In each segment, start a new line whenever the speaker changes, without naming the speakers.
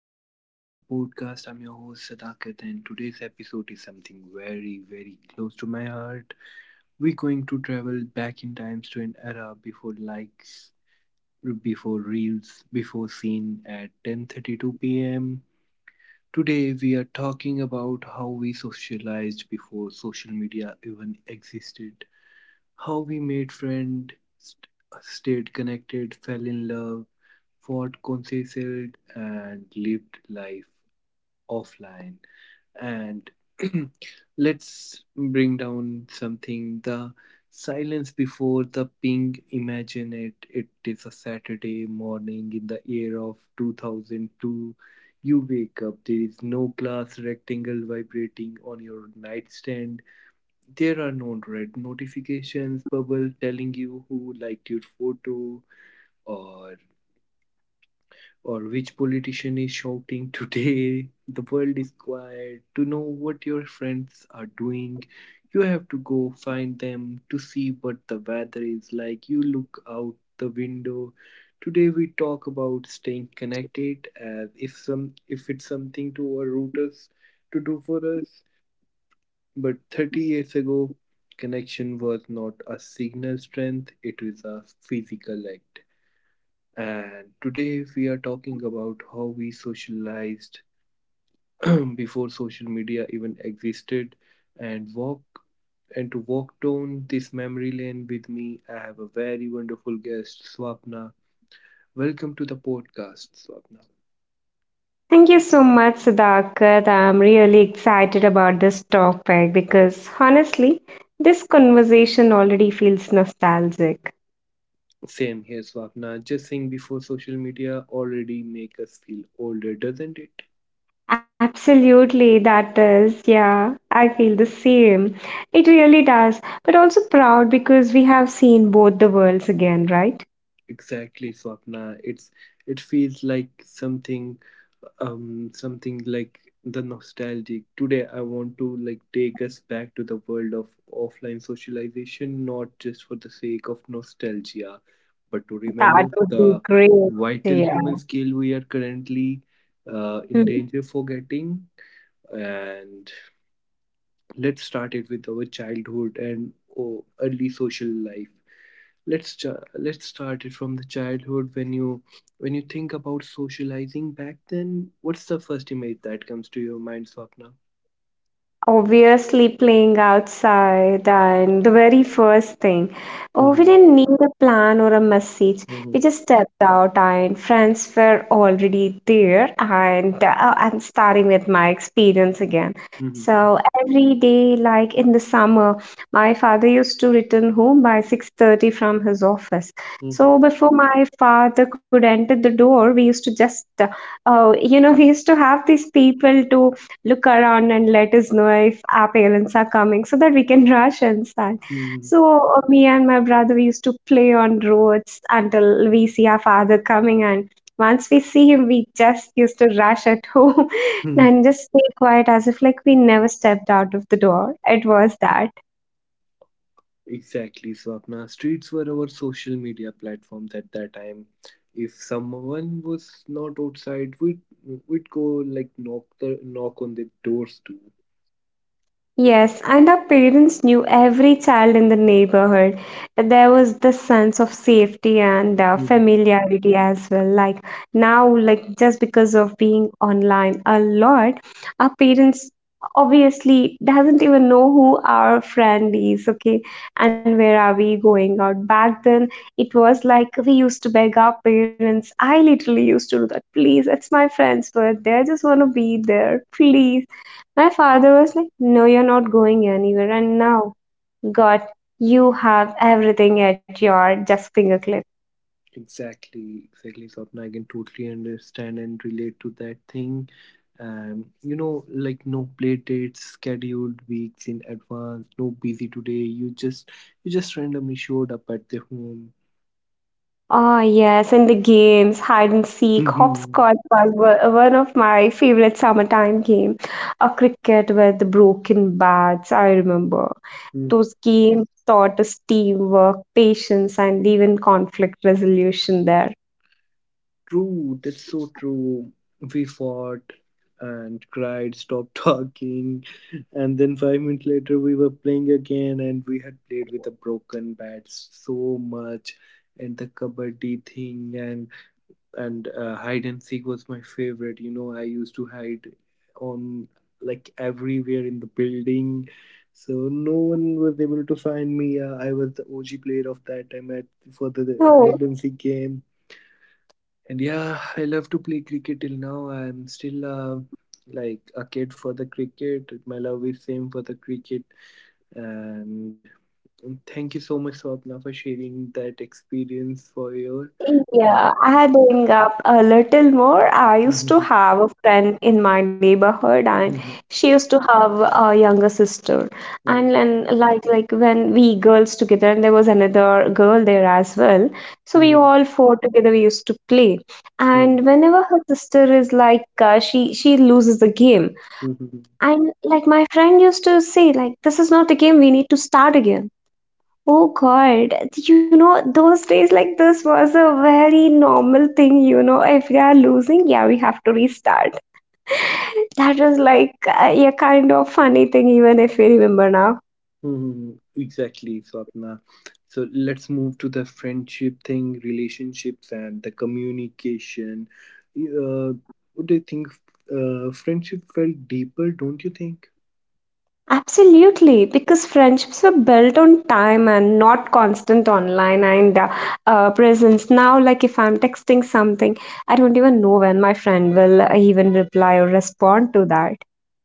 welcome back to the podcast. I'm your host Sadakat, and today's episode is something very, very close to my heart. We're going to travel back in times to an era before likes, before reels, before seen at 10:32 p.m. Today, we are talking about how we socialized before social media even existed, how we made friends, st- stayed connected, fell in love, fought conciliated, and lived life offline. And let's bring down something the silence before the ping. Imagine it. It is a Saturday morning in the year of 2002. You wake up, there is no glass rectangle vibrating on your nightstand. There are no red notifications bubble telling you who liked your photo, or or which politician is shouting today. The world is quiet. To know what your friends are doing, you have to go find them. To see what the weather is like, you look out the window. Today we talk about staying connected as if some if it's something to our routers to do for us, but 30 years ago, connection was not a signal strength, it was a physical act. And today we are talking about how we socialized before social media even existed, and walk and to walk down this memory lane with me, I have a very wonderful guest, Swapna. Welcome to the podcast, Swapna.
Thank you so much, Sudhakat. I'm really excited about this topic because honestly, this conversation already feels nostalgic.
Same here, Swapna. Just saying before social media already make us feel older, doesn't it?
Absolutely, that is. Yeah, I feel the same. It really does. But also proud because we have seen both the worlds again, right?
Exactly, Swapna. It's it feels like something like the nostalgic. Today, I want to like take us back to the world of offline socialization, not just for the sake of nostalgia, but to
That
remember
would be
the
great.
vital
Yeah.
human skill we are currently in
Hmm.
danger forgetting. And let's start it with our childhood and oh, early social life. Let's start it from the childhood when you think about socializing back then, what's the first image that comes to your mind, swapna?
Obviously playing outside and the very first thing. Oh, we
Mm-hmm.
didn't need a plan or a message. We
Mm-hmm.
just stepped out and friends were already there and I'm starting with my experience again.
Mm-hmm.
So every day, like in the summer, my father used to return home by 6:30 from his office. So before my father could enter the door, we used to just, we used to have these people to look around and let us know if our parents are coming so that we can rush and start.
Mm-hmm.
So me and my brother we used to play on roads until we see our father coming, and once we see him we just used to rush at home
Hmm.
and just stay quiet as if like we never stepped out of the door. It was that.
Exactly, swapna, streets were our social media platforms at that time. If someone was not outside, we'd go like knock on the doors
Yes, and our parents knew every child in the neighborhood. There was the sense of safety and
too.
familiarity as well. Like now, like just because of being online a lot, our parents obviously doesn't even know who our friend is, okay, and where are we going out. Back then, it was like we used to beg our parents. I literally used to do that. Please, it's my friend's birthday. I just want to be there. Please. My father was like, "No, you're not going anywhere." And now, God, you have everything at your just fingertip.
Exactly, exactly, Swapna. I can totally understand and relate to that thing. You know, like no play dates scheduled weeks in advance, no busy today. You just you just randomly showed up at the home.
Oh, yes, and the games, hide and seek,
Mhm.
hopscotch was one of my favorite summertime game. A cricket with the broken bats, I remember.
Mm.
Those games taught us teamwork, patience, and even conflict resolution there.
True, that's so true. We fought and cried, stopped talking, and then 5 minutes later we were playing again, and we had played with a broken bat so much, and the kabaddi thing, and hide and seek was my favorite. You know, I used to hide on like everywhere in the building, so no one was able to find me. I was the OG player of that time at for the
Oh,
hide and seek game. And yeah, I love to play cricket till now. I'm still like a kid for the cricket. My love is same for the cricket. And thank you so much, swapna, for sharing that experience for your uh,
yeah, adding up a little more, I used to have a friend in my neighborhood, and she used to have a younger sister. And then, like when we girls together, and there was another girl there as well. So we
Mhm,
all four together we used to play.
mhm,
And whenever her sister is like, she loses the game,
mhm,
and like my friend used to say, like, this is not the game. We need to start again. Oh God, you know, those days like this was a very normal thing, you know. If we are losing, yeah, we have to restart. That was like a kind of funny thing, even if we remember now.
mhm. Exactly, Swapna. So let's move to the friendship thing, relationships, and the communication. Uh, what do you think? Friendship felt deeper, don't you think?
Absolutely, because friendships were built on time and not constant online and presence. Now, like if I'm texting something, I don't even know when my friend will even reply or respond to that.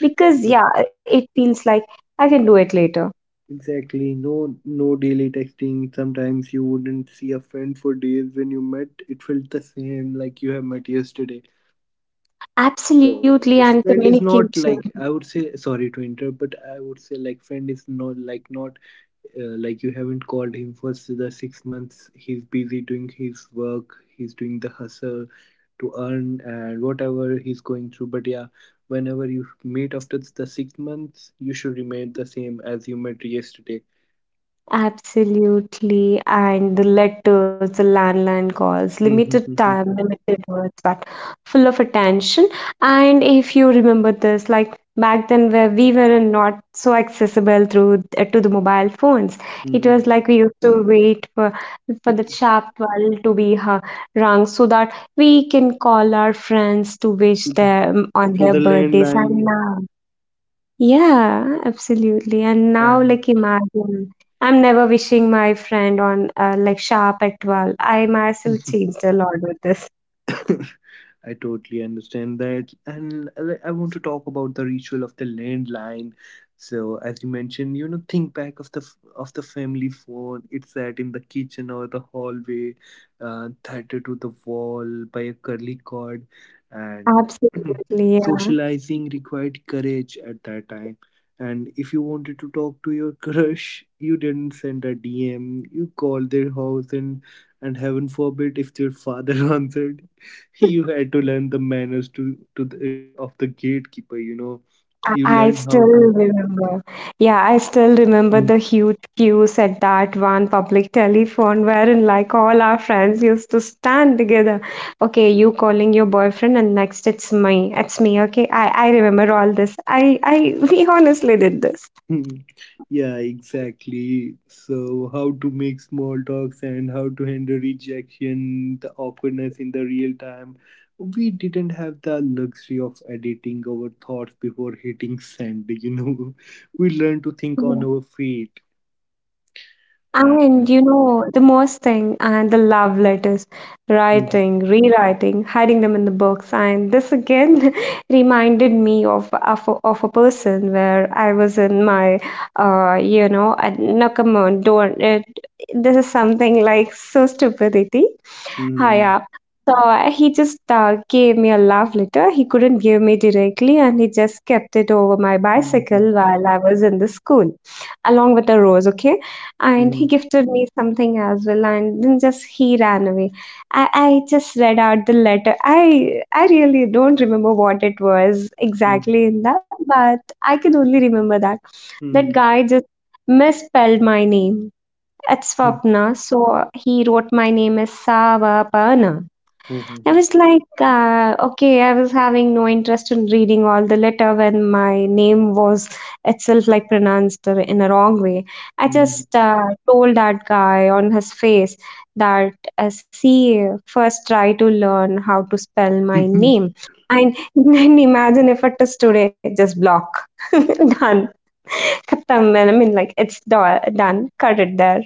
Because,
Yeah,
yeah, it feels like I can do it later.
exactly. No, no daily texting. Sometimes you wouldn't see a friend for days. When you met, it felt the same, like you have met yesterday. So
Absolutely, and
friend is not,
communication.
like, I would say sorry to interrupt, but I would say like friend is not like not like you haven't called him for the 6 months. He's busy doing his work, he's doing the hustle to earn and whatever he's going through, but yeah, whenever you meet after the 6 months, you should remain the same as you met yesterday.
Absolutely, and the letters, the landline calls, limited time,
Through
limited words, but full of attention. And if you remember this, like back then where we were not so accessible through to the mobile phones, it was like we used to wait for the sharp 12 to be rung so that we can call our friends to wish
the
them on their birthdays. And
landline.
now yeah, absolutely. And now,
And
like, imagine I'm never wishing my friend on like sharp at 12. I myself changed a lot with this.
I totally understand that. And I want to talk about the ritual of the landline. So, as you mentioned, you know, think back of the of the family phone. It sat in the kitchen or the hallway, tethered to the wall by a curly cord, and
Absolutely, yeah.
socializing required courage at that time. And if you wanted to talk to your crush, you didn't send a DM. You called their house, and heaven forbid if their father answered, you had to learn the manners to of the gatekeeper, you know.
I,
You
I
learned how
still
to
remember. Yeah, I still remember the huge queues at that one public telephone wherein like all our friends used to stand together. Okay, you calling your boyfriend and next it's me. It's me, okay? I remember all this. We honestly did this.
Mhm. Yeah, exactly. So how to make small talks and how to handle rejection, the awkwardness in the real time. We didn't have the luxury of editing our thoughts before hitting send, you know. We learned to think on our feet. uh,
And you know, the most thing, and the love letters,
mhm,
writing, rewriting, hiding them in the books. And this again reminded me of a person where I was in my, no, come on, don't. It, this is something like so stupidity. Hi,
mhm,
yeah. So he just gave me a love letter. He couldn't give me directly, and he just kept it over my
mhm,
bicycle while I was in the school, along with a rose. Okay, and he
mhm,
gifted me something as well, and then just he ran away. I just read out the letter. I really don't remember what it was
mhm,
exactly in that, but I can only remember that that
mhm,
guy just misspelled my name at
mhm,
Swapna. So he wrote, "My name is Savapana." I
mhm,
was like, okay, I was having no interest in reading all the letter when my name was itself like pronounced in a wrong way. I
mhm.
just told that guy on his face that, see, first try to learn how to spell my name. And then imagine if it is today, just block. Done. Khatam. I mean, like, it's done. Cut it there.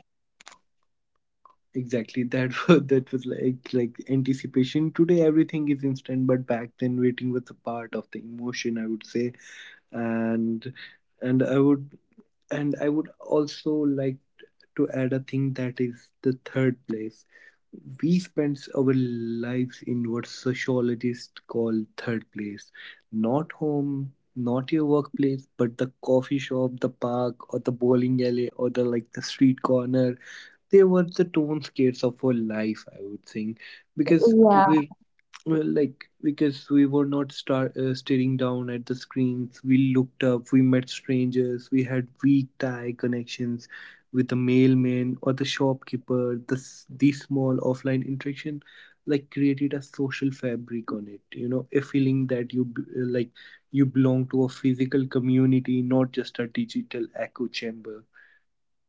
Exactly, that was like, anticipation. Today everything is instant, but back then waiting was a part of the emotion, I would say. And and i would I would also like to add a thing that is the third place. We spend our lives in what sociologists call third place, not home, not your workplace, but the coffee shop, the park, or the bowling alley, or the like the street corner. They were the tone scales of our life, I would think, because
Yeah.
we, well, like because we were not staring down at the screens, we looked up, we met strangers, we had weak tie connections with the mailman or the shopkeeper, these small offline interaction like created a social fabric on it, you know, a feeling that like you belong to a physical community, not just a digital echo chamber.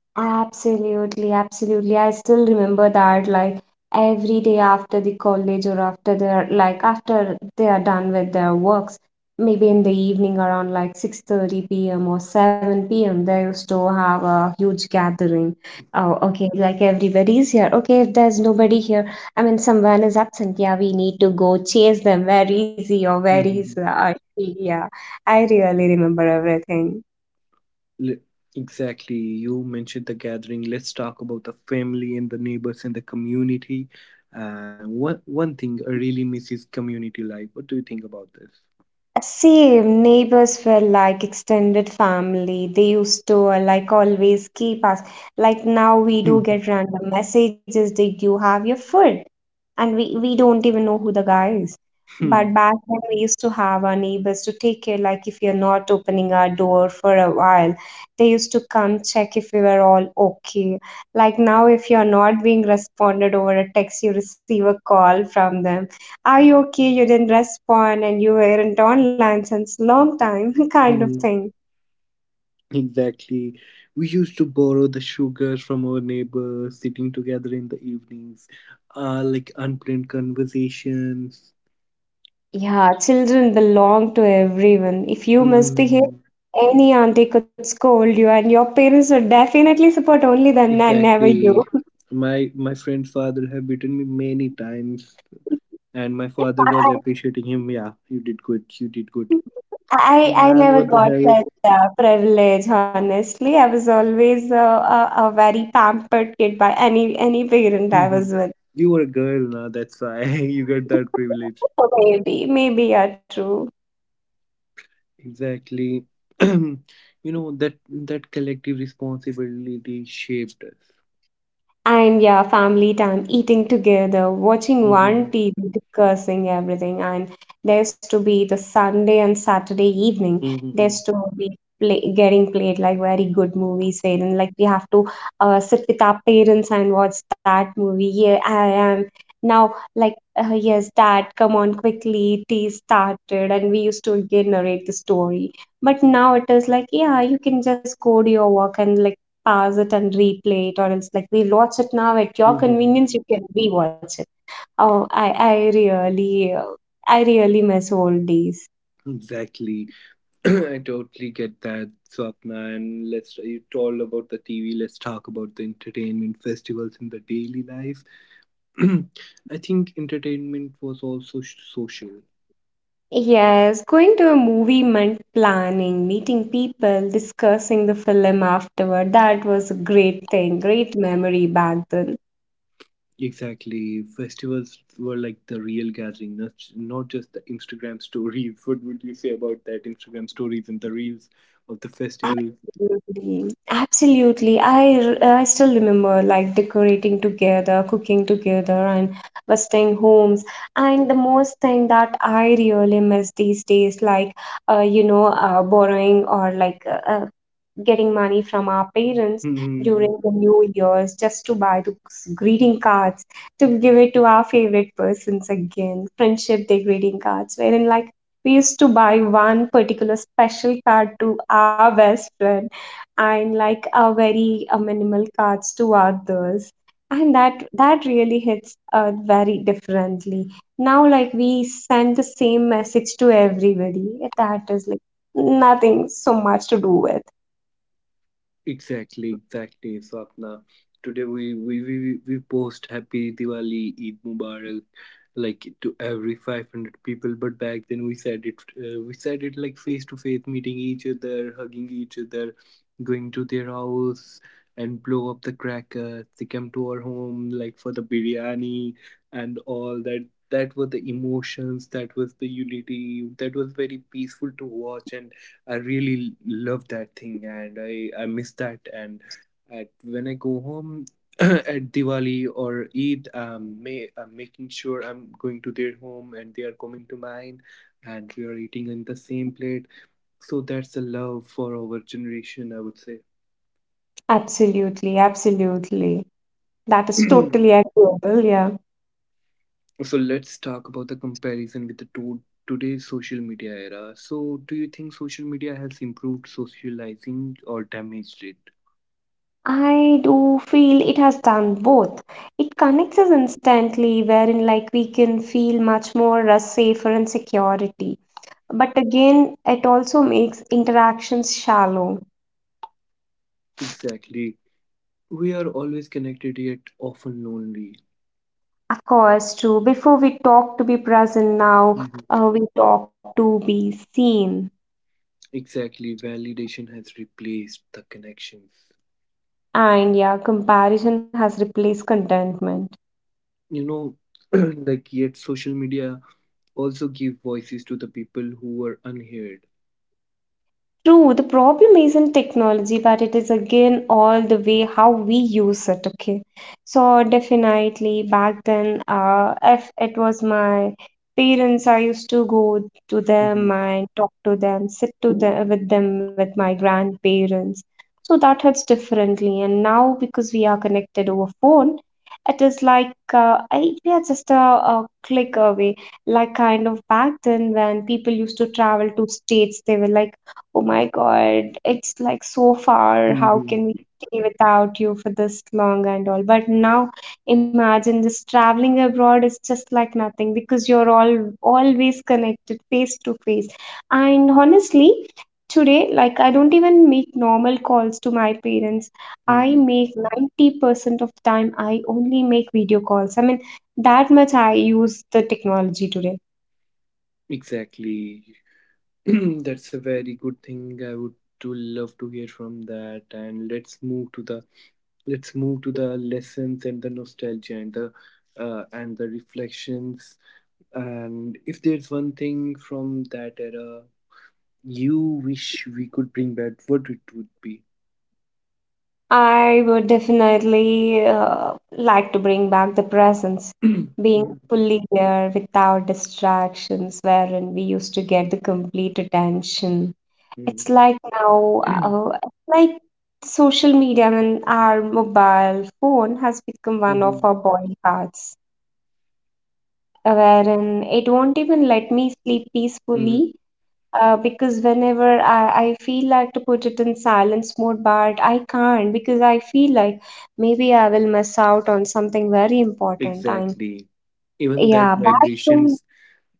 Absolutely, absolutely. I still remember that like every day after the college or after their like after they are done with their works, maybe in the evening around like 6:30 p.m. or 7 p.m. they used to have a huge gathering. Oh, okay, like everybody's here. Okay, if there's nobody here, I mean someone is absent. Yeah, we need to go chase them. Where is he or where is she? Yeah, I really remember everything.
Exactly. You mentioned the gathering. Let's talk about the family and the neighbors and the community. One thing I really miss is community life. What do you think about this?
Same, neighbors were like extended family. They used to like always keep us. Like now we do get random messages. Did you have your food? And we don't even know who the guy is.
Hmm. Hmm,
But back then we used to have our neighbors to take care, like if you're not opening our door for a while, they used to come check if we were all okay. Like now, if you're not being responded over a text, you receive a call from them. Are you okay? You didn't respond and you weren't online since long time, kind of
hmm.
thing.
Exactly. We used to borrow the sugar from our neighbors, sitting together in the evenings, like unplanned conversations.
Yeah, children belong to everyone. If you misbehave,
Hmm.
any auntie could scold you, and your parents would definitely support only them and never you.
Exactly. My friend's father have beaten me many times, and my father was appreciating him. Yeah, you did good. You did good.
I
Man,
never
what the
got
hell?
that privilege, honestly. I was always a very pampered kid by any parent I was with.
You were a girl now. That's why you get that privilege.
So maybe you're true.
Exactly. You know that collective responsibility shaped us.
And yeah, family time, eating together, watching one
Mhm.
TV, discussing everything. And there's to be the Sunday and Saturday evening. There's
Mhm.
to be play, getting played like very good movies wherein like we have to sit with our parents and watch that movie. Yeah, I am now like yes, dad, come on quickly. Tea started, and we used to again narrate the story. But now it is like yeah, you can just go to your work and like pause it and replay it, or else like we watch it now at your
Mhm.
convenience, you can rewatch it. Oh, I really, I really miss old days.
Exactly. I totally get that, Swapna. And let's you told about the TV. Let's talk about the entertainment festivals in the daily life. I think entertainment was also social.
Yes, going to a movie meant planning, meeting people, discussing the film afterward. That was a great thing, great memory back then.
Exactly. Festivals were like the real gathering, not, not just the Instagram stories. What would you say about that? Instagram stories and the reels of the festival.
Absolutely, absolutely. I still remember like decorating together, cooking together, and visiting homes. And the most thing that I really miss these days, like borrowing or like getting money from our parents during the New Year's just to buy those greeting cards to give it to our favorite persons again. Friendship Day greeting cards, wherein like we used to buy one particular special card to our best friend and like a very minimal cards to others and that really hits very differently now like we send the same message to everybody that is like nothing so much to do with
Exactly, exactly, Swapna. Today we post Happy Diwali, Eid Mubarak, like to every 500 people. But back then we said it like face to face, meeting each other, hugging each other, going to their house and blow up the crackers. They come to our home like for the biryani and all that. That were the emotions. That was the unity. That was very peaceful to watch, and I really love that thing, and I miss that. And at, when I go home at Diwali or Eid, may, I'm making sure I'm going to their home and they are coming to mine, and we are eating in the same plate. So that's the love for our generation, I would say.
absolutely absolutely that is totally agreeable yeah.
So let's talk about the comparison with the today's social media era. So, do you think social media has improved socializing or damaged it?
I do feel it has done both. It connects us instantly, wherein like we can feel much more safer and security. But again, it also makes interactions shallow.
Exactly. We are always connected yet often lonely.
Of course, true. Before we talk to be present now,
Mhm.
we talk to be seen.
Exactly. Validation has replaced the connections.
And yeah, comparison has replaced contentment.
You know, like yet social media also give voices to the people who were unheard.
True, the problem isn't technology, but it is again all the way how we use it. Okay, so definitely back then, if it was my parents, I used to go to
Hmm.
them and talk to them, sit to them with my grandparents. So that hits differently, and now because we are connected over phone, it is like we are just a click away. Like kind of back then when people used to travel to states, they were like oh my God, it's like so far. How can we
Hmm.
stay without you for this long and all? But now imagine just traveling abroad is just like nothing because you're all always connected face to face. And honestly, today, like I don't even make normal calls to my parents. I
Hmm.
make 90% of the time I only make video calls. I mean, that much I use the technology today.
Exactly. That's a very good thing. I would to love to hear from that. And let's move to the lessons and the nostalgia and the reflections. And if there's one thing from that era you wish we could bring back, what it would be?
I would definitely like to bring back the presence, being
Mhm.
fully there without distractions, wherein we used to get the complete attention. It's
Mhm.
like now, it's like social media and our mobile phone has become one of
Mhm.
our body parts wherein it won't even let me sleep
Mhm.
peacefully because whenever I feel like to put it in silence mode, but I can't because I feel like maybe I will miss out on something very important. And
Exactly. Even that
yeah, back to
vibrations,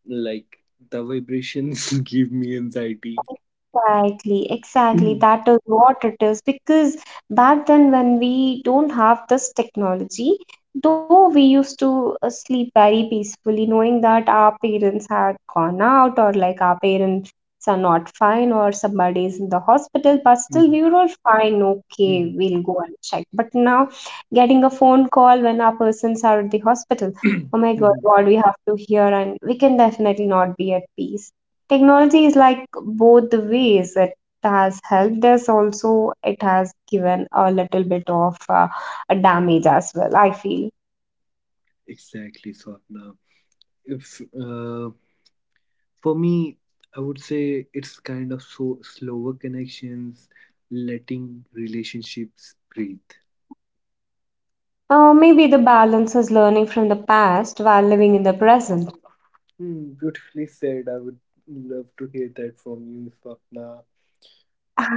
like the vibrations give me anxiety.
exactly, exactly.
Mhm.
That is what it is. Because back then, when we don't have this technology, though we used to sleep very peacefully, knowing that our parents had gone out or like our parents are not fine or somebody is in the hospital, but still we
Mhm.
were all fine. Okay,
Mhm.
we'll go and check. But now, getting a phone call when our persons are at the hospital, oh my God,
Mhm.
what we have to hear, and we can definitely not be at peace. Technology is like both the ways. It has helped us also, it has given a little bit of a damage as well, I feel.
Exactly, Swapna. If for me, I would say it's kind of so slower connections, letting relationships breathe.
Maybe the balance is learning from the past while living in the present.
Hmm, beautifully said. I would love to hear that from you, Swapna.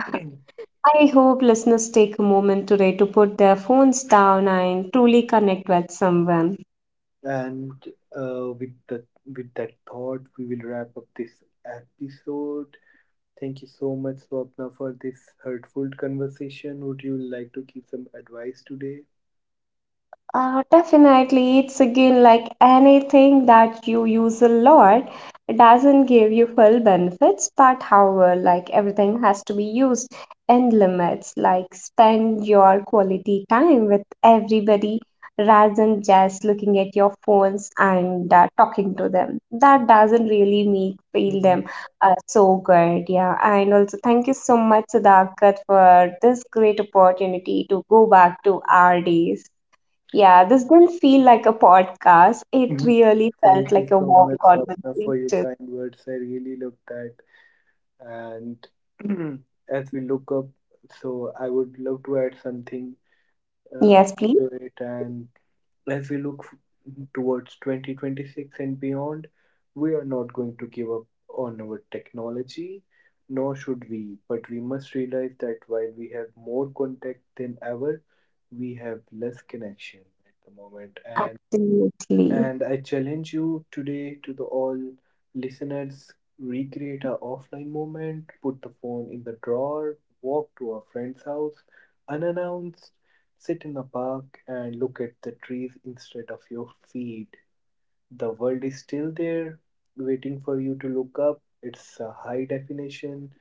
I hope listeners take a moment today to put their phones down and truly connect with someone.
And with that thought, we will wrap up this episode. Thank you so much, Swapna, for this hurtful conversation. Would you like to give some advice today?
Definitely, it's again like anything that you use a lot, it doesn't give you full benefits, but however, like everything has to be used in limits, like spend your quality time with everybody rather than just looking at your phones and talking to them. That doesn't really make feel
Mhm.
them so good, yeah. And also, thank you so much, Sadakat, for this great opportunity to go back to our days. Yeah, this didn't feel like a podcast. It
Mhm.
really felt
Thank you
like a
so
warm
much, Swapna, for your
conversation.
kind words. I really love that. And as we look up, so I would love to add something uh,
Yes, please.
to it. And as we look towards 2026 and beyond, we are not going to give up on our technology, nor should we, but we must realize that while we have more contact than ever, we have less connection at the moment. And
Absolutely.
I challenge you today to the all listeners, recreate a offline moment, put the phone in the drawer, walk to a friend's house unannounced, sit in the park and look at the trees instead of your feet. The world is still there waiting for you to look up. It's a high definition,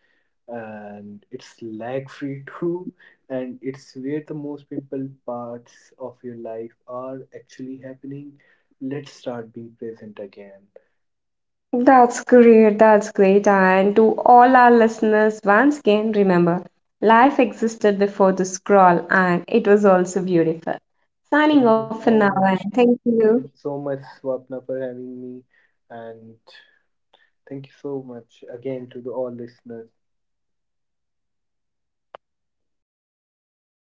and it's lag free too, and it's where the most people parts of your life are actually happening. Let's start being present again.
That's great. That's great. And to all our listeners, once again, remember life existed before the scroll and it was also beautiful. Signing
Thank
off
you
for
so
now and
much.
thank you.
Thank so much, swapna, for having me. And thank you so much again to the all listeners.